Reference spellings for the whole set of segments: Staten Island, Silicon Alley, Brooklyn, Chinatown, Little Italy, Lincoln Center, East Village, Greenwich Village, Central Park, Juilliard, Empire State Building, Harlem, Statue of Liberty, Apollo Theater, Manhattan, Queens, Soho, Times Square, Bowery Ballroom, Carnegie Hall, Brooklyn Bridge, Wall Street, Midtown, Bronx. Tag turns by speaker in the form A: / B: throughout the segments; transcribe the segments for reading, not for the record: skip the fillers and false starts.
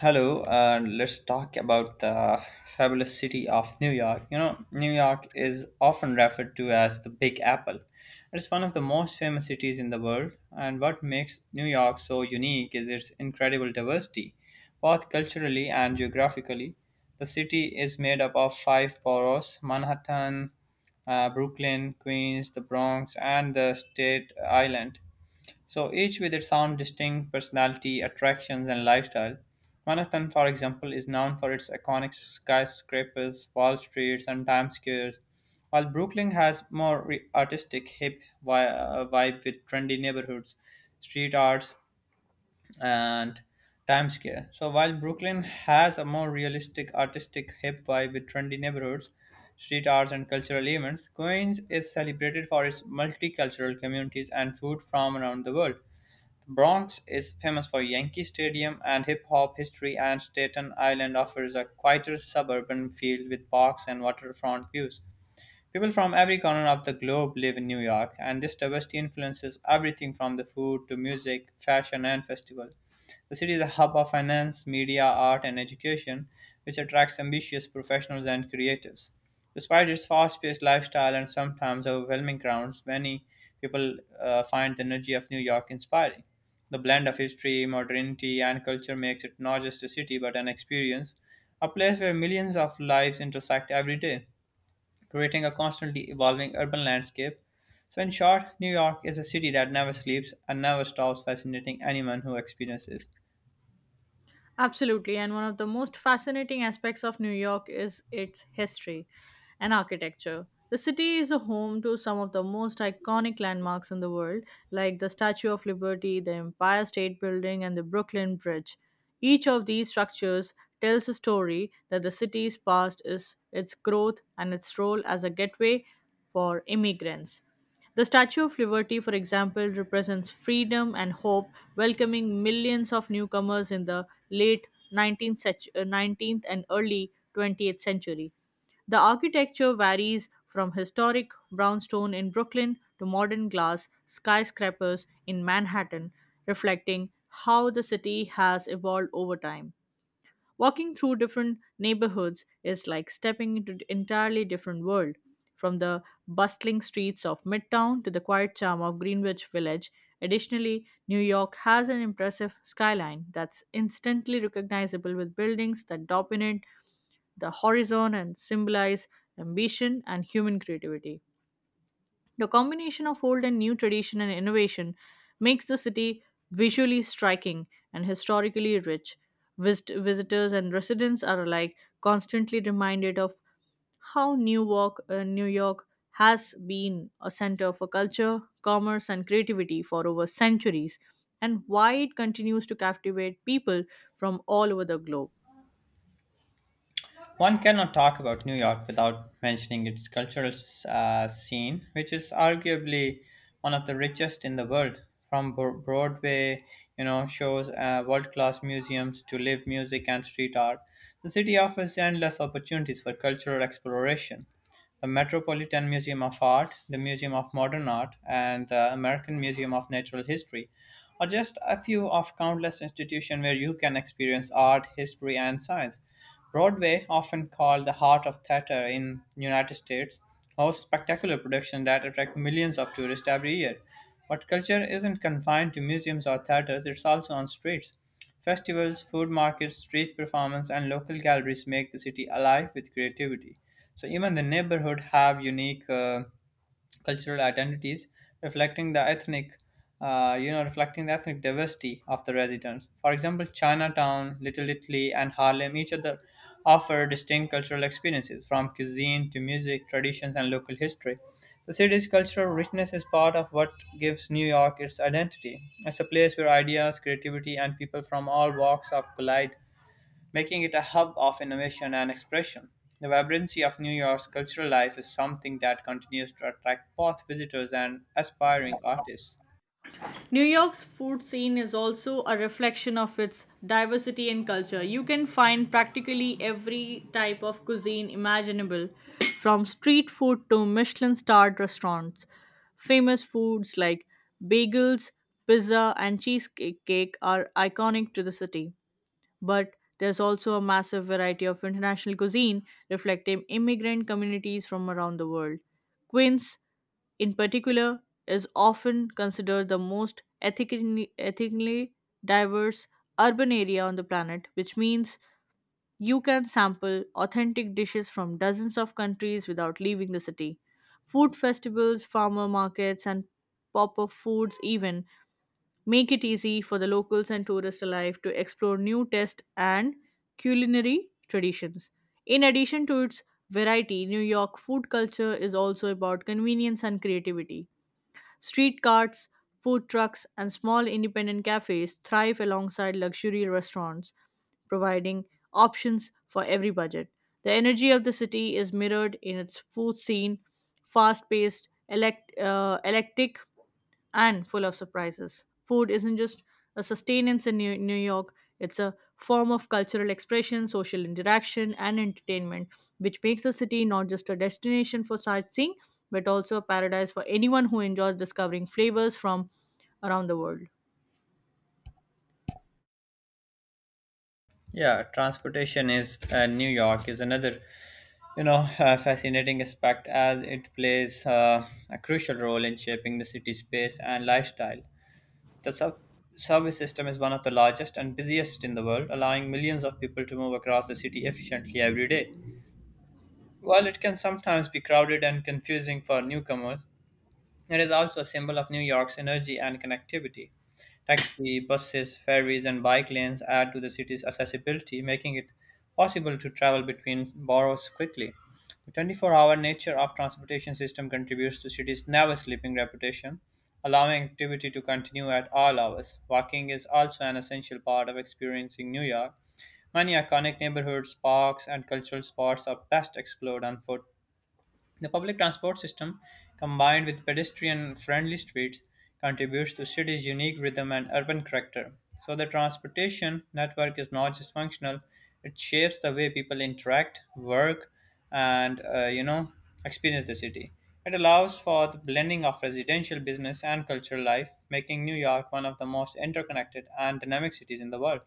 A: Hello, and let's talk about the fabulous city of New York. You know, New York is often referred to as the Big Apple. It is one of the most famous cities in the world, and what makes New York so unique is its incredible diversity, both culturally and geographically. The city is made up of five boroughs Manhattan, Brooklyn, Queens, the Bronx, and the State Island. So each with its own distinct personality, attractions, and lifestyle. Manhattan, for example, is known for its iconic skyscrapers, Wall Streets, and Times Squares, while Brooklyn has more artistic, hip vibe with trendy neighborhoods, street arts, and Times Square. So while Brooklyn has a more realistic, artistic, hip vibe with trendy neighborhoods, street arts, and cultural events, Queens is celebrated for its multicultural communities and food from around the world. The Bronx is famous for Yankee Stadium and hip hop history and Staten Island offers a quieter suburban feel with parks and waterfront views. People from every corner of the globe live in New York, and this diversity influences everything from the food to music, fashion, and festival. The city is a hub of finance, media, art, and education, which attracts ambitious professionals and creatives. Despite its fast paced lifestyle and sometimes overwhelming crowds, many people find the energy of New York inspiring. The blend of history, modernity, and culture makes it not just a city but an experience, a place where millions of lives intersect every day creating a constantly evolving urban landscape. So, in short, New York is a city that never sleeps and never stops fascinating anyone who experiences.
B: Absolutely, and one of the most fascinating aspects of New York is its history and architecture. The city is a home to some of the most iconic landmarks in the world, like the Statue of Liberty, the Empire State Building, and the Brooklyn Bridge. Each of these structures tells a story that the city's past is its growth and its role as a gateway for immigrants. The Statue of Liberty, for example, represents freedom and hope, welcoming millions of newcomers in the late 19th and early 20th century. The architecture varies from historic brownstone in Brooklyn to modern glass skyscrapers in Manhattan, reflecting how the city has evolved over time. Walking through different neighborhoods is like stepping into an entirely different world, from the bustling streets of Midtown to the quiet charm of Greenwich Village. Additionally, New York has an impressive skyline that's instantly recognizable with buildings that dominate the horizon and symbolize ambition and human creativity. The combination of old and new tradition and innovation makes the city visually striking and historically rich. Visitors and residents are alike constantly reminded of how New York has been a center for culture, commerce, and creativity for over centuries, and why it continues to captivate people from all over the globe.
A: One cannot talk about New York without mentioning its cultural scene, which is arguably one of the richest in the world. From Broadway, you know, shows, world-class museums to live music and street art, the city offers endless opportunities for cultural exploration. The Metropolitan Museum of Art, the Museum of Modern Art, and the American Museum of Natural History are just a few of countless institutions where you can experience art, history, and science. Broadway, often called the heart of theater in United States, hosts spectacular productions that attract millions of tourists every year. But culture isn't confined to museums or theaters, it's also on streets. Festivals, food markets, street performance, and local galleries make the city alive with creativity. So even the neighborhood have unique cultural identities reflecting the ethnic reflecting the ethnic diversity of the residents, for example Chinatown, Little Italy, and Harlem each other offer distinct cultural experiences from cuisine to music traditions and local history. The city's cultural richness is part of what gives New York its identity. It's a place where ideas, creativity, and people from all walks of collide, making it a hub of innovation and expression. The vibrancy of New York's cultural life is something that continues to attract both visitors and aspiring artists.
B: New York's food scene is also a reflection of its diversity and culture. You can find practically every type of cuisine imaginable, from street food to Michelin starred restaurants. Famous foods like bagels, pizza, and cheesecake are iconic to the city. But there's also a massive variety of international cuisine reflecting immigrant communities from around the world. Queens, in particular, is often considered the most ethnically diverse urban area on the planet, which means you can sample authentic dishes from dozens of countries without leaving the city. Food festivals, farmer markets, and pop up foods, even make it easy for the locals and tourists alike to explore new taste and culinary traditions. In addition to its variety, New York food culture is also about convenience and creativity. Street carts, food trucks, and small independent cafes thrive alongside luxury restaurants, providing options for every budget. The energy of the city is mirrored in its food scene, fast paced, electric and full of surprises. Food isn't just a sustenance in New York, it's a form of cultural expression, social interaction, and entertainment, which makes the city not just a destination for sightseeing, but also a paradise for anyone who enjoys discovering flavors from around the world.
A: Yeah, transportation is New York is another you know fascinating aspect as it plays a crucial role in shaping the city's space and lifestyle. The subway system is one of the largest and busiest in the world, allowing millions of people to move across the city efficiently every day. While it can sometimes be crowded and confusing for newcomers, it is also a symbol of New York's energy and connectivity. Taxi, buses, ferries, and bike lanes add to the city's accessibility, making it possible to travel between boroughs quickly. The 24-hour nature of transportation system contributes to city's never sleeping reputation, allowing activity to continue at all hours. Walking is also an essential part of experiencing New York. Many iconic neighborhoods, parks, and cultural spots are best explored on foot the public transport system, combined with pedestrian friendly streets, contributes to city's unique rhythm and urban character. So, the transportation network is not just functional, it shapes the way people interact, work, and experience the city. It allows for the blending of residential business and cultural life, making New York one of the most interconnected and dynamic cities in the world.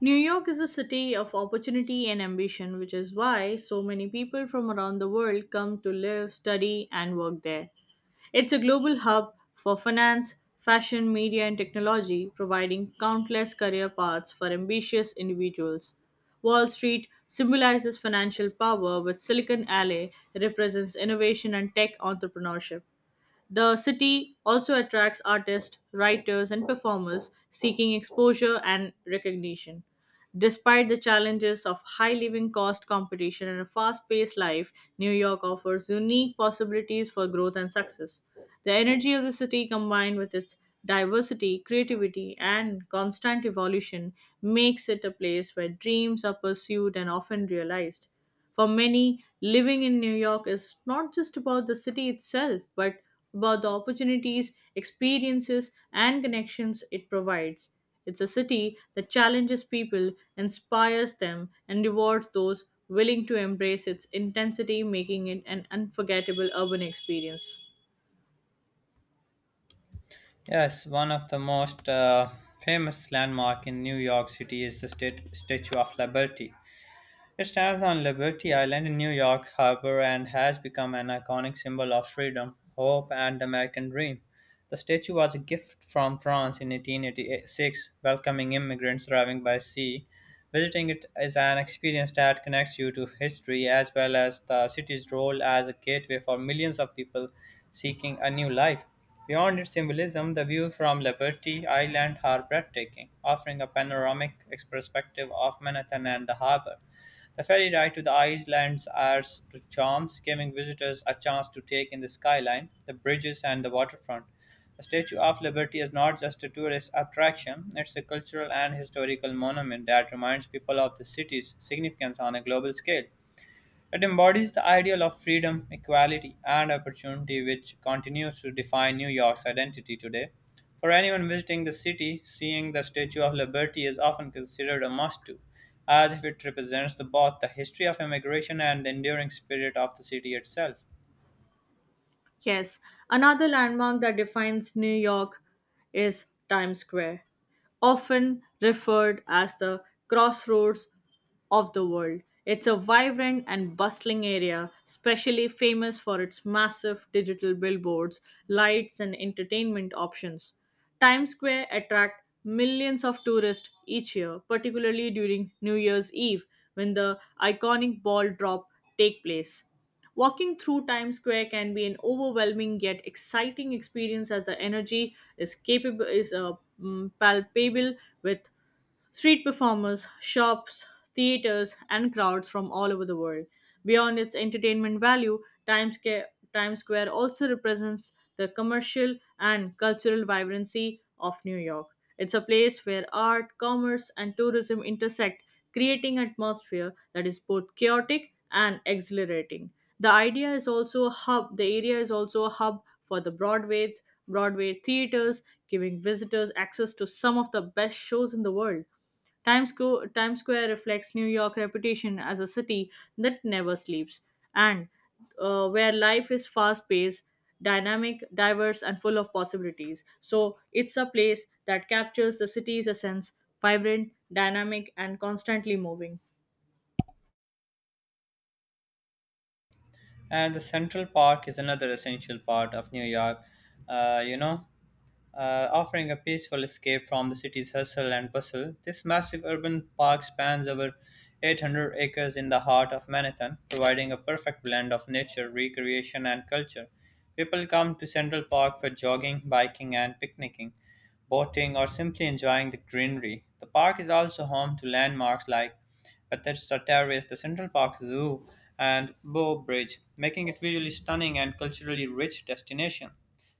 B: New York is a city of opportunity and ambition, which is why so many people from around the world come to live, study, and work there. It's a global hub for finance, fashion, media, and technology, providing countless career paths for ambitious individuals. Wall Street symbolizes financial power, while Silicon Alley represents innovation and tech entrepreneurship. The city also attracts artists, writers, and performers seeking exposure and recognition. Despite the challenges of high living cost competition and a fast paced life, New York offers unique possibilities for growth and success. The energy of the city, combined with its diversity, creativity, and constant evolution, makes it a place where dreams are pursued and often realized. For many, living in New York is not just about the city itself, but about the opportunities, experiences, and connections it provides. It's a city that challenges people, inspires them, and rewards those willing to embrace its intensity, making it an unforgettable urban experience.
A: Yes, one of the most famous landmark in New York City is the state Statue of Liberty. It stands on Liberty Island in New York Harbor and has become an iconic symbol of freedom, hope, and the American dream. The statue was a gift from France in 1886, welcoming immigrants arriving by sea. Visiting it is an experience that connects you to history as well as the city's role as a gateway for millions of people seeking a new life. Beyond its symbolism, the view from Liberty Island are breathtaking, offering a panoramic perspective of Manhattan and the harbor. The ferry ride to the islands adds to charms, giving visitors a chance to take in the skyline, the bridges, and the waterfront. The Statue of Liberty is not just a tourist attraction, it's a cultural and historical monument that reminds people of the city's significance on a global scale. It embodies the ideal of freedom, equality, and opportunity, which continues to define New York's identity today. For anyone visiting the city, seeing the Statue of Liberty is often considered a must do, as if it represents the, both the history of immigration and the enduring spirit of the city itself.
B: Yes, another landmark that defines New York is Times Square, often referred as the crossroads of the world. It's a vibrant and bustling area, especially famous for its massive digital billboards, lights, and entertainment options. Times Square attracts millions of tourists each year, particularly during New Year's Eve when the iconic ball drop take place. Walking through Times Square can be an overwhelming yet exciting experience as the energy is palpable with street performers, shops, theaters, and crowds from all over the world. Beyond its entertainment value, Times Square also represents the commercial and cultural vibrancy of New York. It's a place where art, commerce, and tourism intersect, creating an atmosphere that is both chaotic and exhilarating. The idea is also a hub. The area is also a hub for the Broadway theaters, giving visitors access to some of the best shows in the world. Times Square reflects New York's reputation as a city that never sleeps and where life is fast paced, dynamic, diverse, and full of possibilities. So it's a place that captures the city's essence, vibrant, dynamic, and constantly moving.
A: And the Central Park is another essential part of New York, uh, you know, offering a peaceful escape from the city's hustle and bustle. This massive urban park spans over 800 acres in the heart of Manhattan, providing a perfect blend of nature, recreation, and culture. People come to Central Park for jogging, biking, and picnicking, boating, or simply enjoying the greenery. The park is also home to landmarks like Bethesda Terrace, the Central Park Zoo, and Bow Bridge, making it visually stunning and culturally rich destination.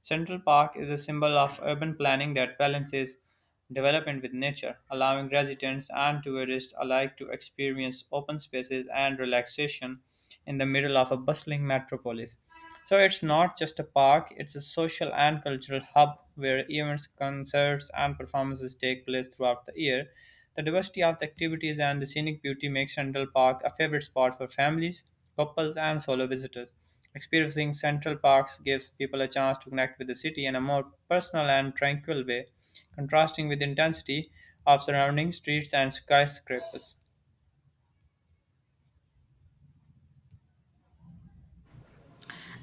A: Central Park is a symbol of urban planning that balances development with nature, allowing residents and tourists alike to experience open spaces and relaxation in the middle of a bustling metropolis. So it's not just a park, it's a social and cultural hub where events, concerts, and performances take place throughout the year. The diversity of the activities and the scenic beauty makes Central Park a favorite spot for families, couples, and solo visitors. Experiencing Central Parks gives people a chance to connect with the city in a more personal and tranquil way, contrasting with the intensity of surrounding streets and skyscrapers.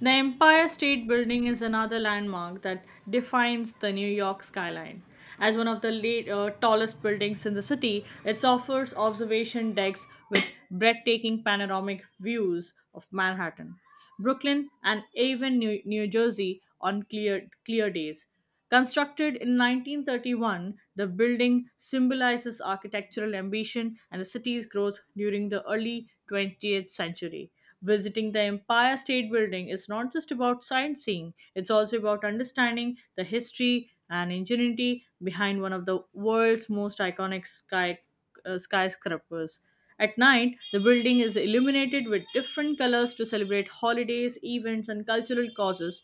B: The Empire State Building is another landmark that defines the New York skyline. As one of the tallest buildings in the city, it offers observation decks with breathtaking panoramic views of Manhattan, Brooklyn, and even New Jersey on clear days. Constructed in 1931, the building symbolizes architectural ambition and the city's growth during the early 20th century. Visiting the Empire State Building is not just about sightseeing, it's also about understanding the history and ingenuity behind one of the world's most iconic skyscrapers. At night, the building is illuminated with different colors to celebrate holidays, events, and cultural causes,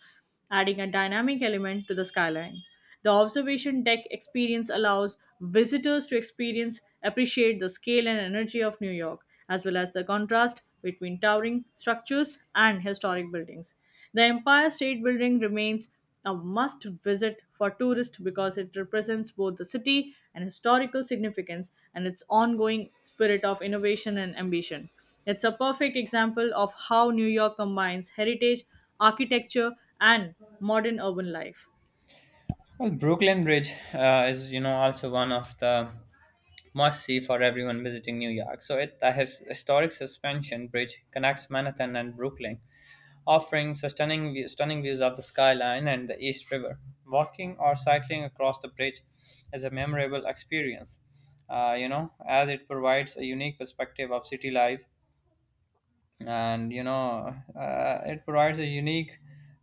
B: adding a dynamic element to the skyline. The observation deck experience allows visitors to appreciate the scale and energy of New York, as well as the contrast between towering structures and historic buildings. The Empire State Building remains a must visit for tourists because it represents both the city and historical significance and its ongoing spirit of innovation and ambition. It's a perfect example of how New York combines heritage, architecture, and modern urban life.
A: Well, Brooklyn Bridge is, you know, also one of the must see for everyone visiting New York. So it the his historic suspension bridge connects Manhattan and Brooklyn, offering a stunning views of the skyline and the East River. Walking or cycling across the bridge is a memorable experience. As it provides a unique perspective of city life and it provides a unique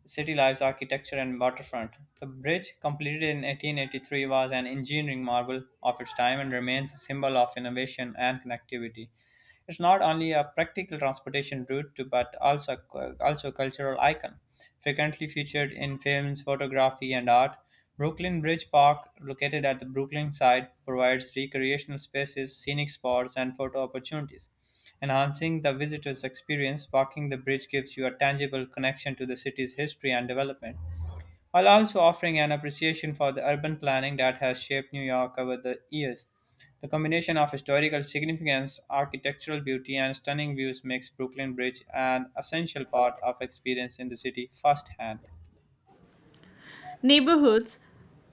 A: city life's architecture and waterfront. The bridge, completed in 1883, was an engineering marvel of its time and remains a symbol of innovation and connectivity. It's not only a practical transportation route to, but also a cultural icon frequently featured in films, photography, and art. Brooklyn Bridge Park, located at the Brooklyn side, provides recreational spaces, scenic spots, and photo opportunities, enhancing the visitor's experience. Walking the bridge gives you a tangible connection to the city's history and development, while also offering an appreciation for the urban planning that has shaped New York over the years. The combination of historical significance, architectural beauty, and stunning views makes Brooklyn Bridge an essential part of experience in the city firsthand.
B: Neighborhoods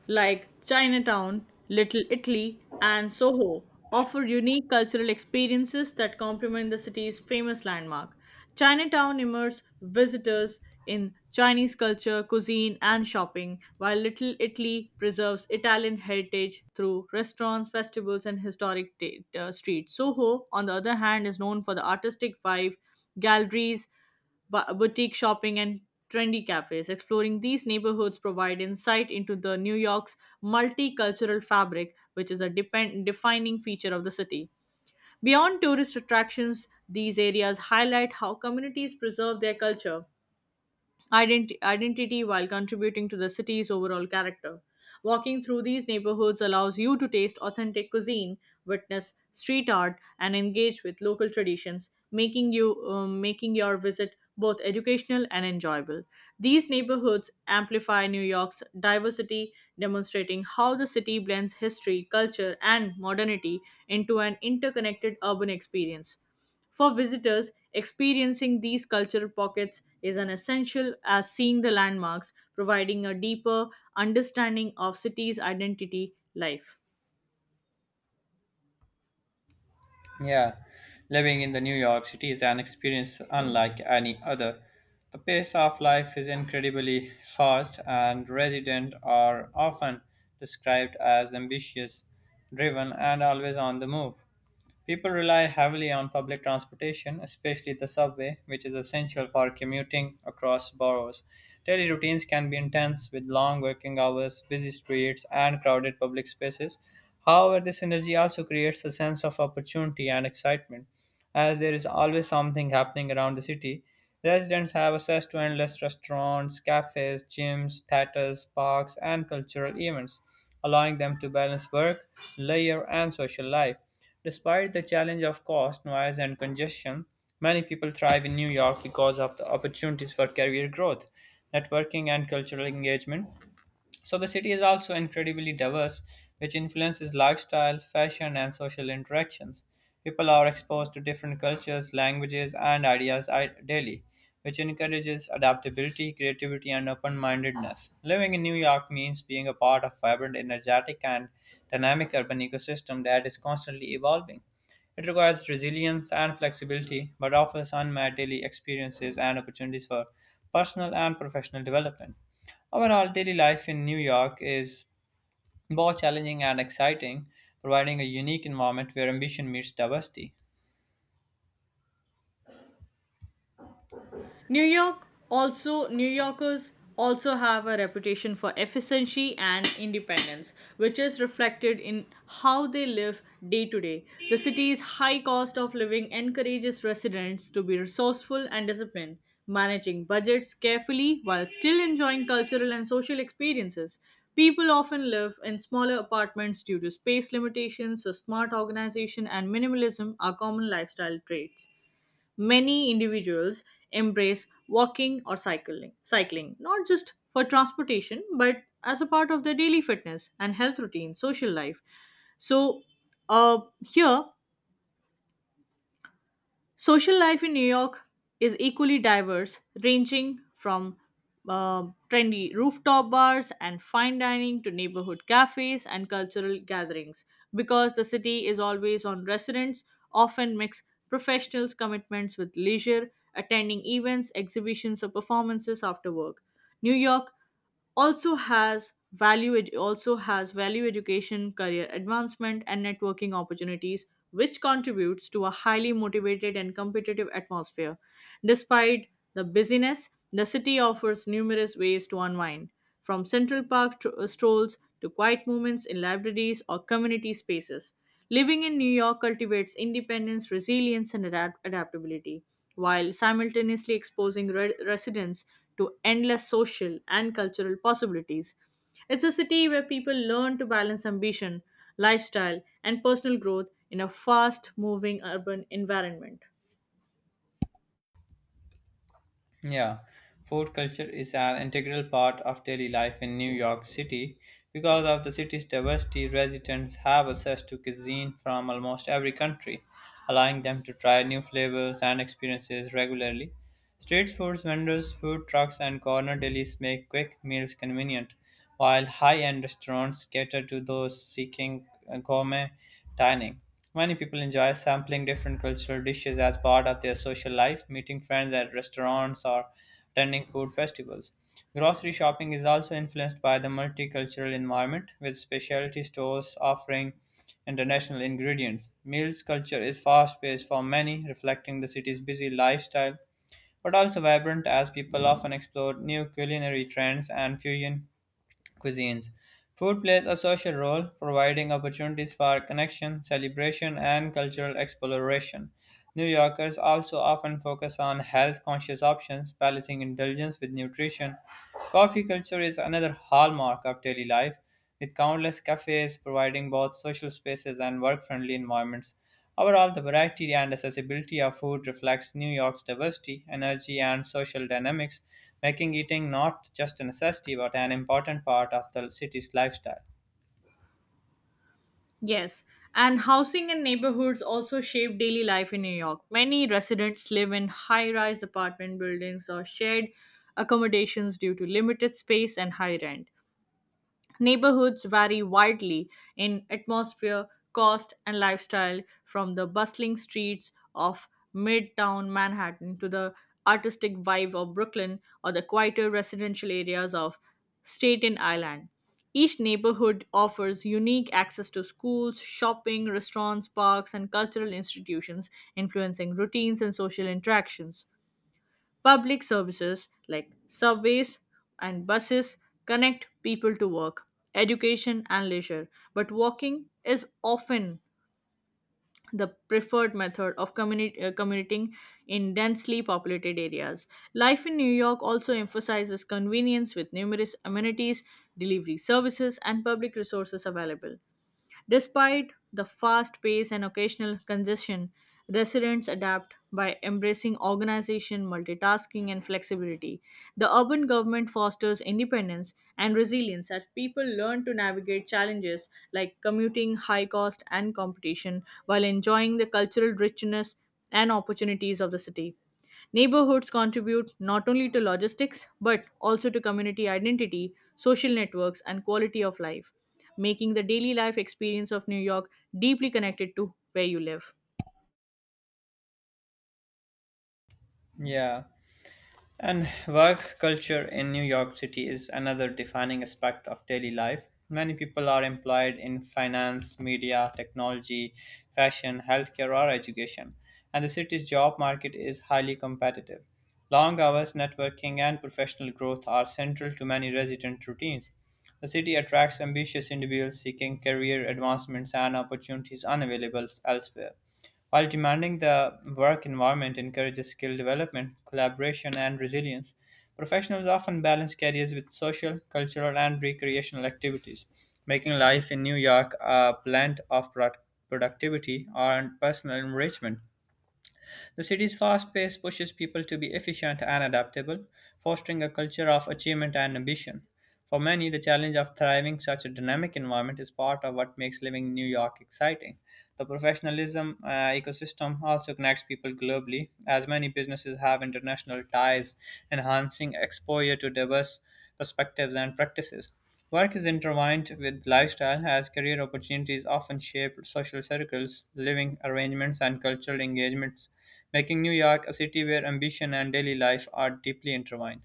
B: like Chinatown, Little Italy, and Soho offer unique cultural experiences that complement the city's famous landmark. Chinatown immerses visitors in Chinese culture, cuisine, and shopping, while Little Italy preserves Italian heritage through restaurants, festivals, and historic streets. Soho, on the other hand, is known for the artistic vibe, galleries, boutique shopping and trendy cafes. Exploring these neighborhoods provide insight into the New York's multicultural fabric, which is a defining feature of the city. Beyond tourist attractions, these areas highlight how communities preserve their culture identity while contributing to the city's overall character. Walking through these neighborhoods allows you to taste authentic cuisine, witness street art, and engage with local traditions, making you making your visit both educational and enjoyable. These neighborhoods amplify New York's diversity, demonstrating how the city blends history, culture, and modernity into an interconnected urban experience. For visitors, experiencing these cultural pockets is an essential as seeing the landmarks, providing a deeper understanding of city's identity life.
A: Yeah, living in the New York City is an experience unlike any other. The pace of life is incredibly fast, and residents are often described as ambitious, driven, and always on the move. People rely heavily on public transportation, especially the subway, which is essential for commuting across boroughs. Daily routines can be intense with long working hours, busy streets, and crowded public spaces. However, this energy also creates a sense of opportunity and excitement. As there is always something happening around the city, residents have access to endless restaurants, cafes, gyms, theaters, parks, and cultural events, allowing them to balance work, leisure, and social life. Despite the challenge of cost, noise, and congestion, many people thrive in New York because of the opportunities for career growth, networking, and cultural engagement. So the city is also incredibly diverse, which influences lifestyle, fashion, and social interactions. People are exposed to different cultures, languages, and daily, which encourages adaptability, creativity, and open mindedness. Living in New York means being a part of vibrant, energetic, and dynamic urban ecosystem that is constantly evolving. It requires resilience and flexibility, but offers unmet daily experiences and opportunities for personal and professional development. Overall, daily life in New York is both challenging and exciting, providing a unique environment where ambition meets diversity.
B: New Yorkers also have a reputation for efficiency and independence, which is reflected in how they live day to day. The city's high cost of living encourages residents to be resourceful and disciplined, managing budgets carefully while still enjoying cultural and social experiences. People often live in smaller apartments due to space limitations, so smart organization and minimalism are common lifestyle traits. Many individuals embrace walking or cycling not just for transportation but as a part of their daily fitness and health routine, social life. So, here Social life in New York is equally diverse, ranging from uh, trendy rooftop bars and fine dining to neighborhood cafes and cultural gatherings. Because the city is always on residents, often mix professionals' commitments with leisure, attending events, exhibitions, or performances after work. New York also has value it also has value education career advancement and networking opportunities, which contributes to a highly motivated and competitive atmosphere despite the busyness. The city offers numerous ways to unwind from Central Park strolls to quiet moments in libraries or community spaces. Living in New York cultivates independence, resilience, and adaptability, while simultaneously exposing residents to endless social and cultural possibilities. It's a city where people learn to balance ambition, lifestyle, and personal growth in a fast moving urban environment.
A: Yeah, food culture is an integral part of daily life in New York City. Because of the city's diversity, residents have access to cuisine from almost every country, allowing them to try new flavors and experiences regularly. Street food vendors, food trucks, and corner delis make quick meals convenient while high-end restaurants cater to those seeking gourmet dining. Many people enjoy sampling different cultural dishes as part of their social life, meeting friends at restaurants or attending food festivals. Grocery shopping is also influenced by the multicultural environment, with specialty stores offering international ingredients. Meals culture is fast paced for many, reflecting the city's busy lifestyle, but also vibrant as people often explore new culinary trends and fusion cuisines. Food plays a social role, providing opportunities for connection, celebration, and cultural exploration. New Yorkers also often focus on health conscious options, balancing indulgence with nutrition. Coffee culture is another hallmark of daily life, with countless cafes providing both social spaces and work friendly environments. Overall, the variety and accessibility of food reflects New York's diversity, energy, and social dynamics, making eating not just a necessity but an important part of the city's lifestyle.
B: Yes, and housing and neighborhoods also shape daily life in New York. Many residents live in high rise apartment buildings or shared accommodations due to limited space and high rent. Neighborhoods vary widely in atmosphere, cost, and lifestyle, from the bustling streets of midtown Manhattan to the artistic vibe of Brooklyn or the quieter residential areas of Staten Island. Each neighborhood offers unique access to schools, shopping, restaurants, parks, and cultural institutions, influencing routines and social interactions. Public services like subways and buses connect people to work, education, and leisure, but walking is often the preferred method of commuting in densely populated areas. Life in New York also emphasizes convenience with numerous amenities, delivery services, and public resources available. Despite the fast pace and occasional congestion, residents adapt by embracing organization, multitasking, and flexibility. The urban government fosters independence and resilience as people learn to navigate challenges like commuting, high cost, and competition while enjoying the cultural richness and opportunities of the city. Neighborhoods contribute not only to logistics but also to community identity, social networks, and quality of life, making the daily life experience of New York deeply connected to where you live.
A: Yeah. And work culture in New York City is another defining aspect of daily life. Many people are employed in finance, media, technology, fashion, healthcare, or education, and the city's job market is highly competitive. Long hours, networking, and professional growth are central to many resident routines. The city attracts ambitious individuals seeking career advancements and opportunities unavailable elsewhere, while demanding the work environment encourages skill development, collaboration, and resilience. Professionals often balance careers with social, cultural, and recreational activities, making life in New York a blend of productivity and personal enrichment. The city's fast pace pushes people to be efficient and adaptable, fostering a culture of achievement and ambition. For many, the challenge of thriving such a dynamic environment is part of what makes living in New York exciting. The professionalism ecosystem also connects people globally, as many businesses have international ties, enhancing exposure to diverse perspectives and practices. Work is intertwined with lifestyle, as career opportunities often shape social circles, living arrangements, and cultural engagements, making New York a city where ambition and daily life are deeply intertwined.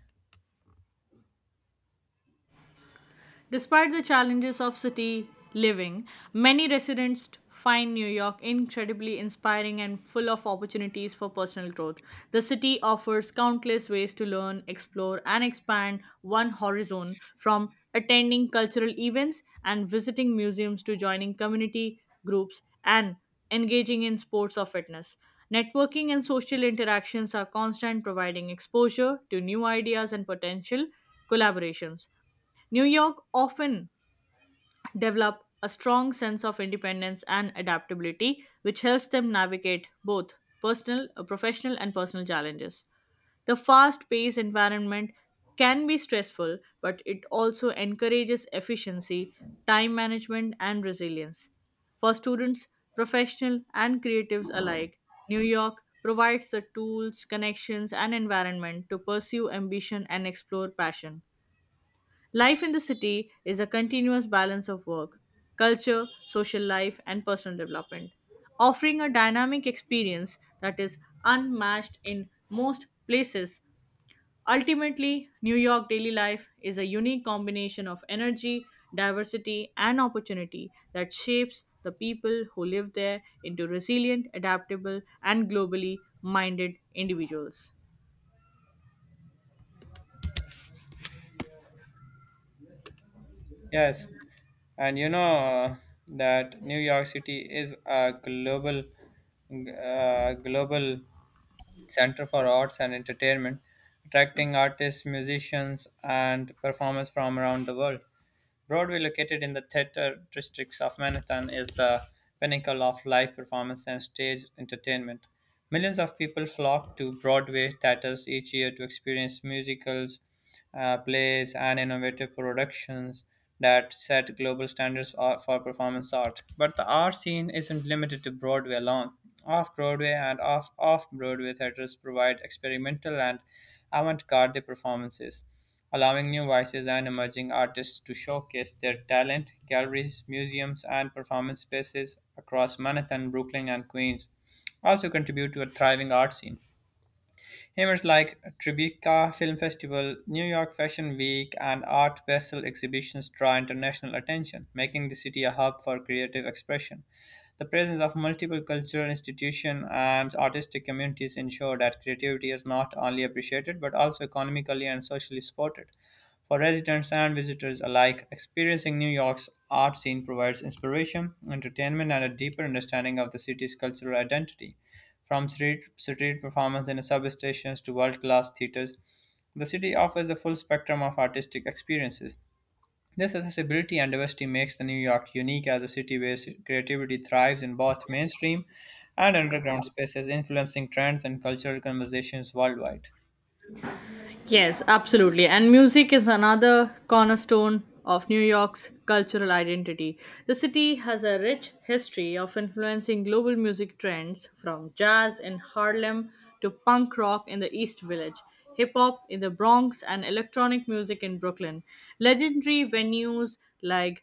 B: Despite the challenges of city living, many residents find New York incredibly inspiring and full of opportunities for personal growth. The city offers countless ways to learn, explore, and expand one horizon from attending cultural events and visiting museums to joining community groups and engaging in sports or fitness. Networking and social interactions are constant, providing exposure to new ideas and potential collaborations. New York often develop a strong sense of independence and adaptability, which helps them navigate both professional, and personal challenges. The fast paced environment can be stressful, but it also encourages efficiency, time management, and resilience. For students, professional, and creatives alike, New York provides the tools, connections, and environment to pursue ambition and explore passion. Life in the city is a continuous balance of work, culture, social life, and personal development, offering a dynamic experience that is unmatched in most places. Ultimately, New York daily life is a unique combination of energy, diversity, and opportunity that shapes the people who live there into resilient, adaptable, and globally minded individuals.
A: Yes, and that New York City is a global Center for Arts and Entertainment, attracting artists, musicians, and performers from around the world. Broadway, located in the theater districts of Manhattan, is the pinnacle of live performance and stage entertainment. Millions of people flock to Broadway theaters each year to experience musicals, plays, and innovative productions that set global standards for performance art. But the art scene isn't limited to Broadway alone. Off Broadway and off off Broadway theaters provide experimental and avant garde performances, allowing new voices and emerging artists to showcase their talent. Galleries, museums, and performance spaces across Manhattan, Brooklyn, and Queens also contribute to a thriving art scene. Hammers like Tribeca Film Festival, New York Fashion Week, and Art Basel exhibitions draw international attention, making the city a hub for creative expression. The presence of multiple cultural institutions and artistic communities ensure that creativity is not only appreciated but also economically and socially supported. For residents and visitors alike, experiencing New York's art scene provides inspiration, entertainment, and a deeper understanding of the city's cultural identity. From street performance in substations to world class theaters, the city offers a full spectrum of artistic experiences. This accessibility and diversity makes the New York unique as a city where creativity thrives in both mainstream and underground spaces, influencing trends and cultural conversations worldwide.
B: Yes, absolutely. And music is another cornerstone of New York's cultural identity. The city has a rich history of influencing global music trends from jazz in Harlem to punk rock in the East Village, hip hop in the Bronx, and electronic music in Brooklyn. Legendary venues like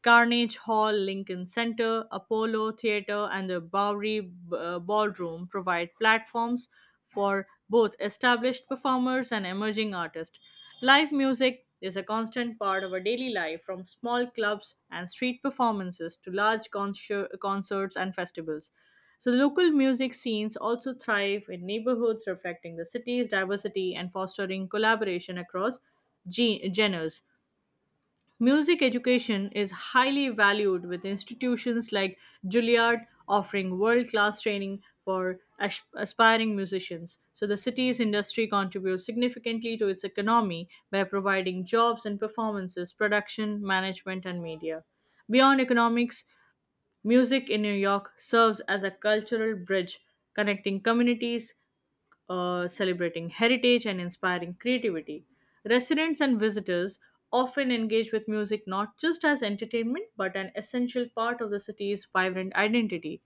B: Carnegie Hall, Lincoln Center, Apollo Theater, and the Bowery Ballroom provide platforms for both established performers and emerging artists. Live music is a constant part of our daily life, from small clubs and street performances to large concerts and festivals. So, local music scenes also thrive in neighborhoods reflecting the city's diversity and fostering collaboration across genres. Music education is highly valued with institutions like Juilliard offering world class training for aspiring musicians. So, the city's industry contributes significantly to its economy by providing jobs and performances, production, management, and media. Beyond economics, music in New York serves as a cultural bridge connecting communities, celebrating heritage and inspiring creativity. Residents and visitors often engage with music not just as entertainment but an essential part of the city's vibrant identity.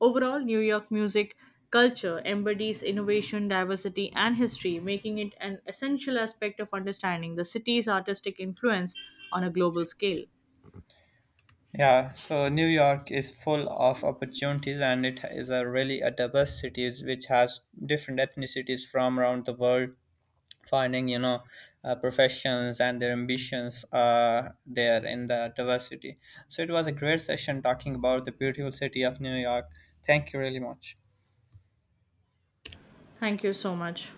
B: Overall, New York music culture embodies innovation, diversity, and history, making it an essential aspect of understanding the city's artistic influence on a global scale.
A: Yeah, so New York is full of opportunities and it is a really a diverse city which has different ethnicities from around the world finding, professions and their ambitions there in the diversity. So it was a great session talking about the beautiful city of New York. Thank you really much.
B: Thank you so much.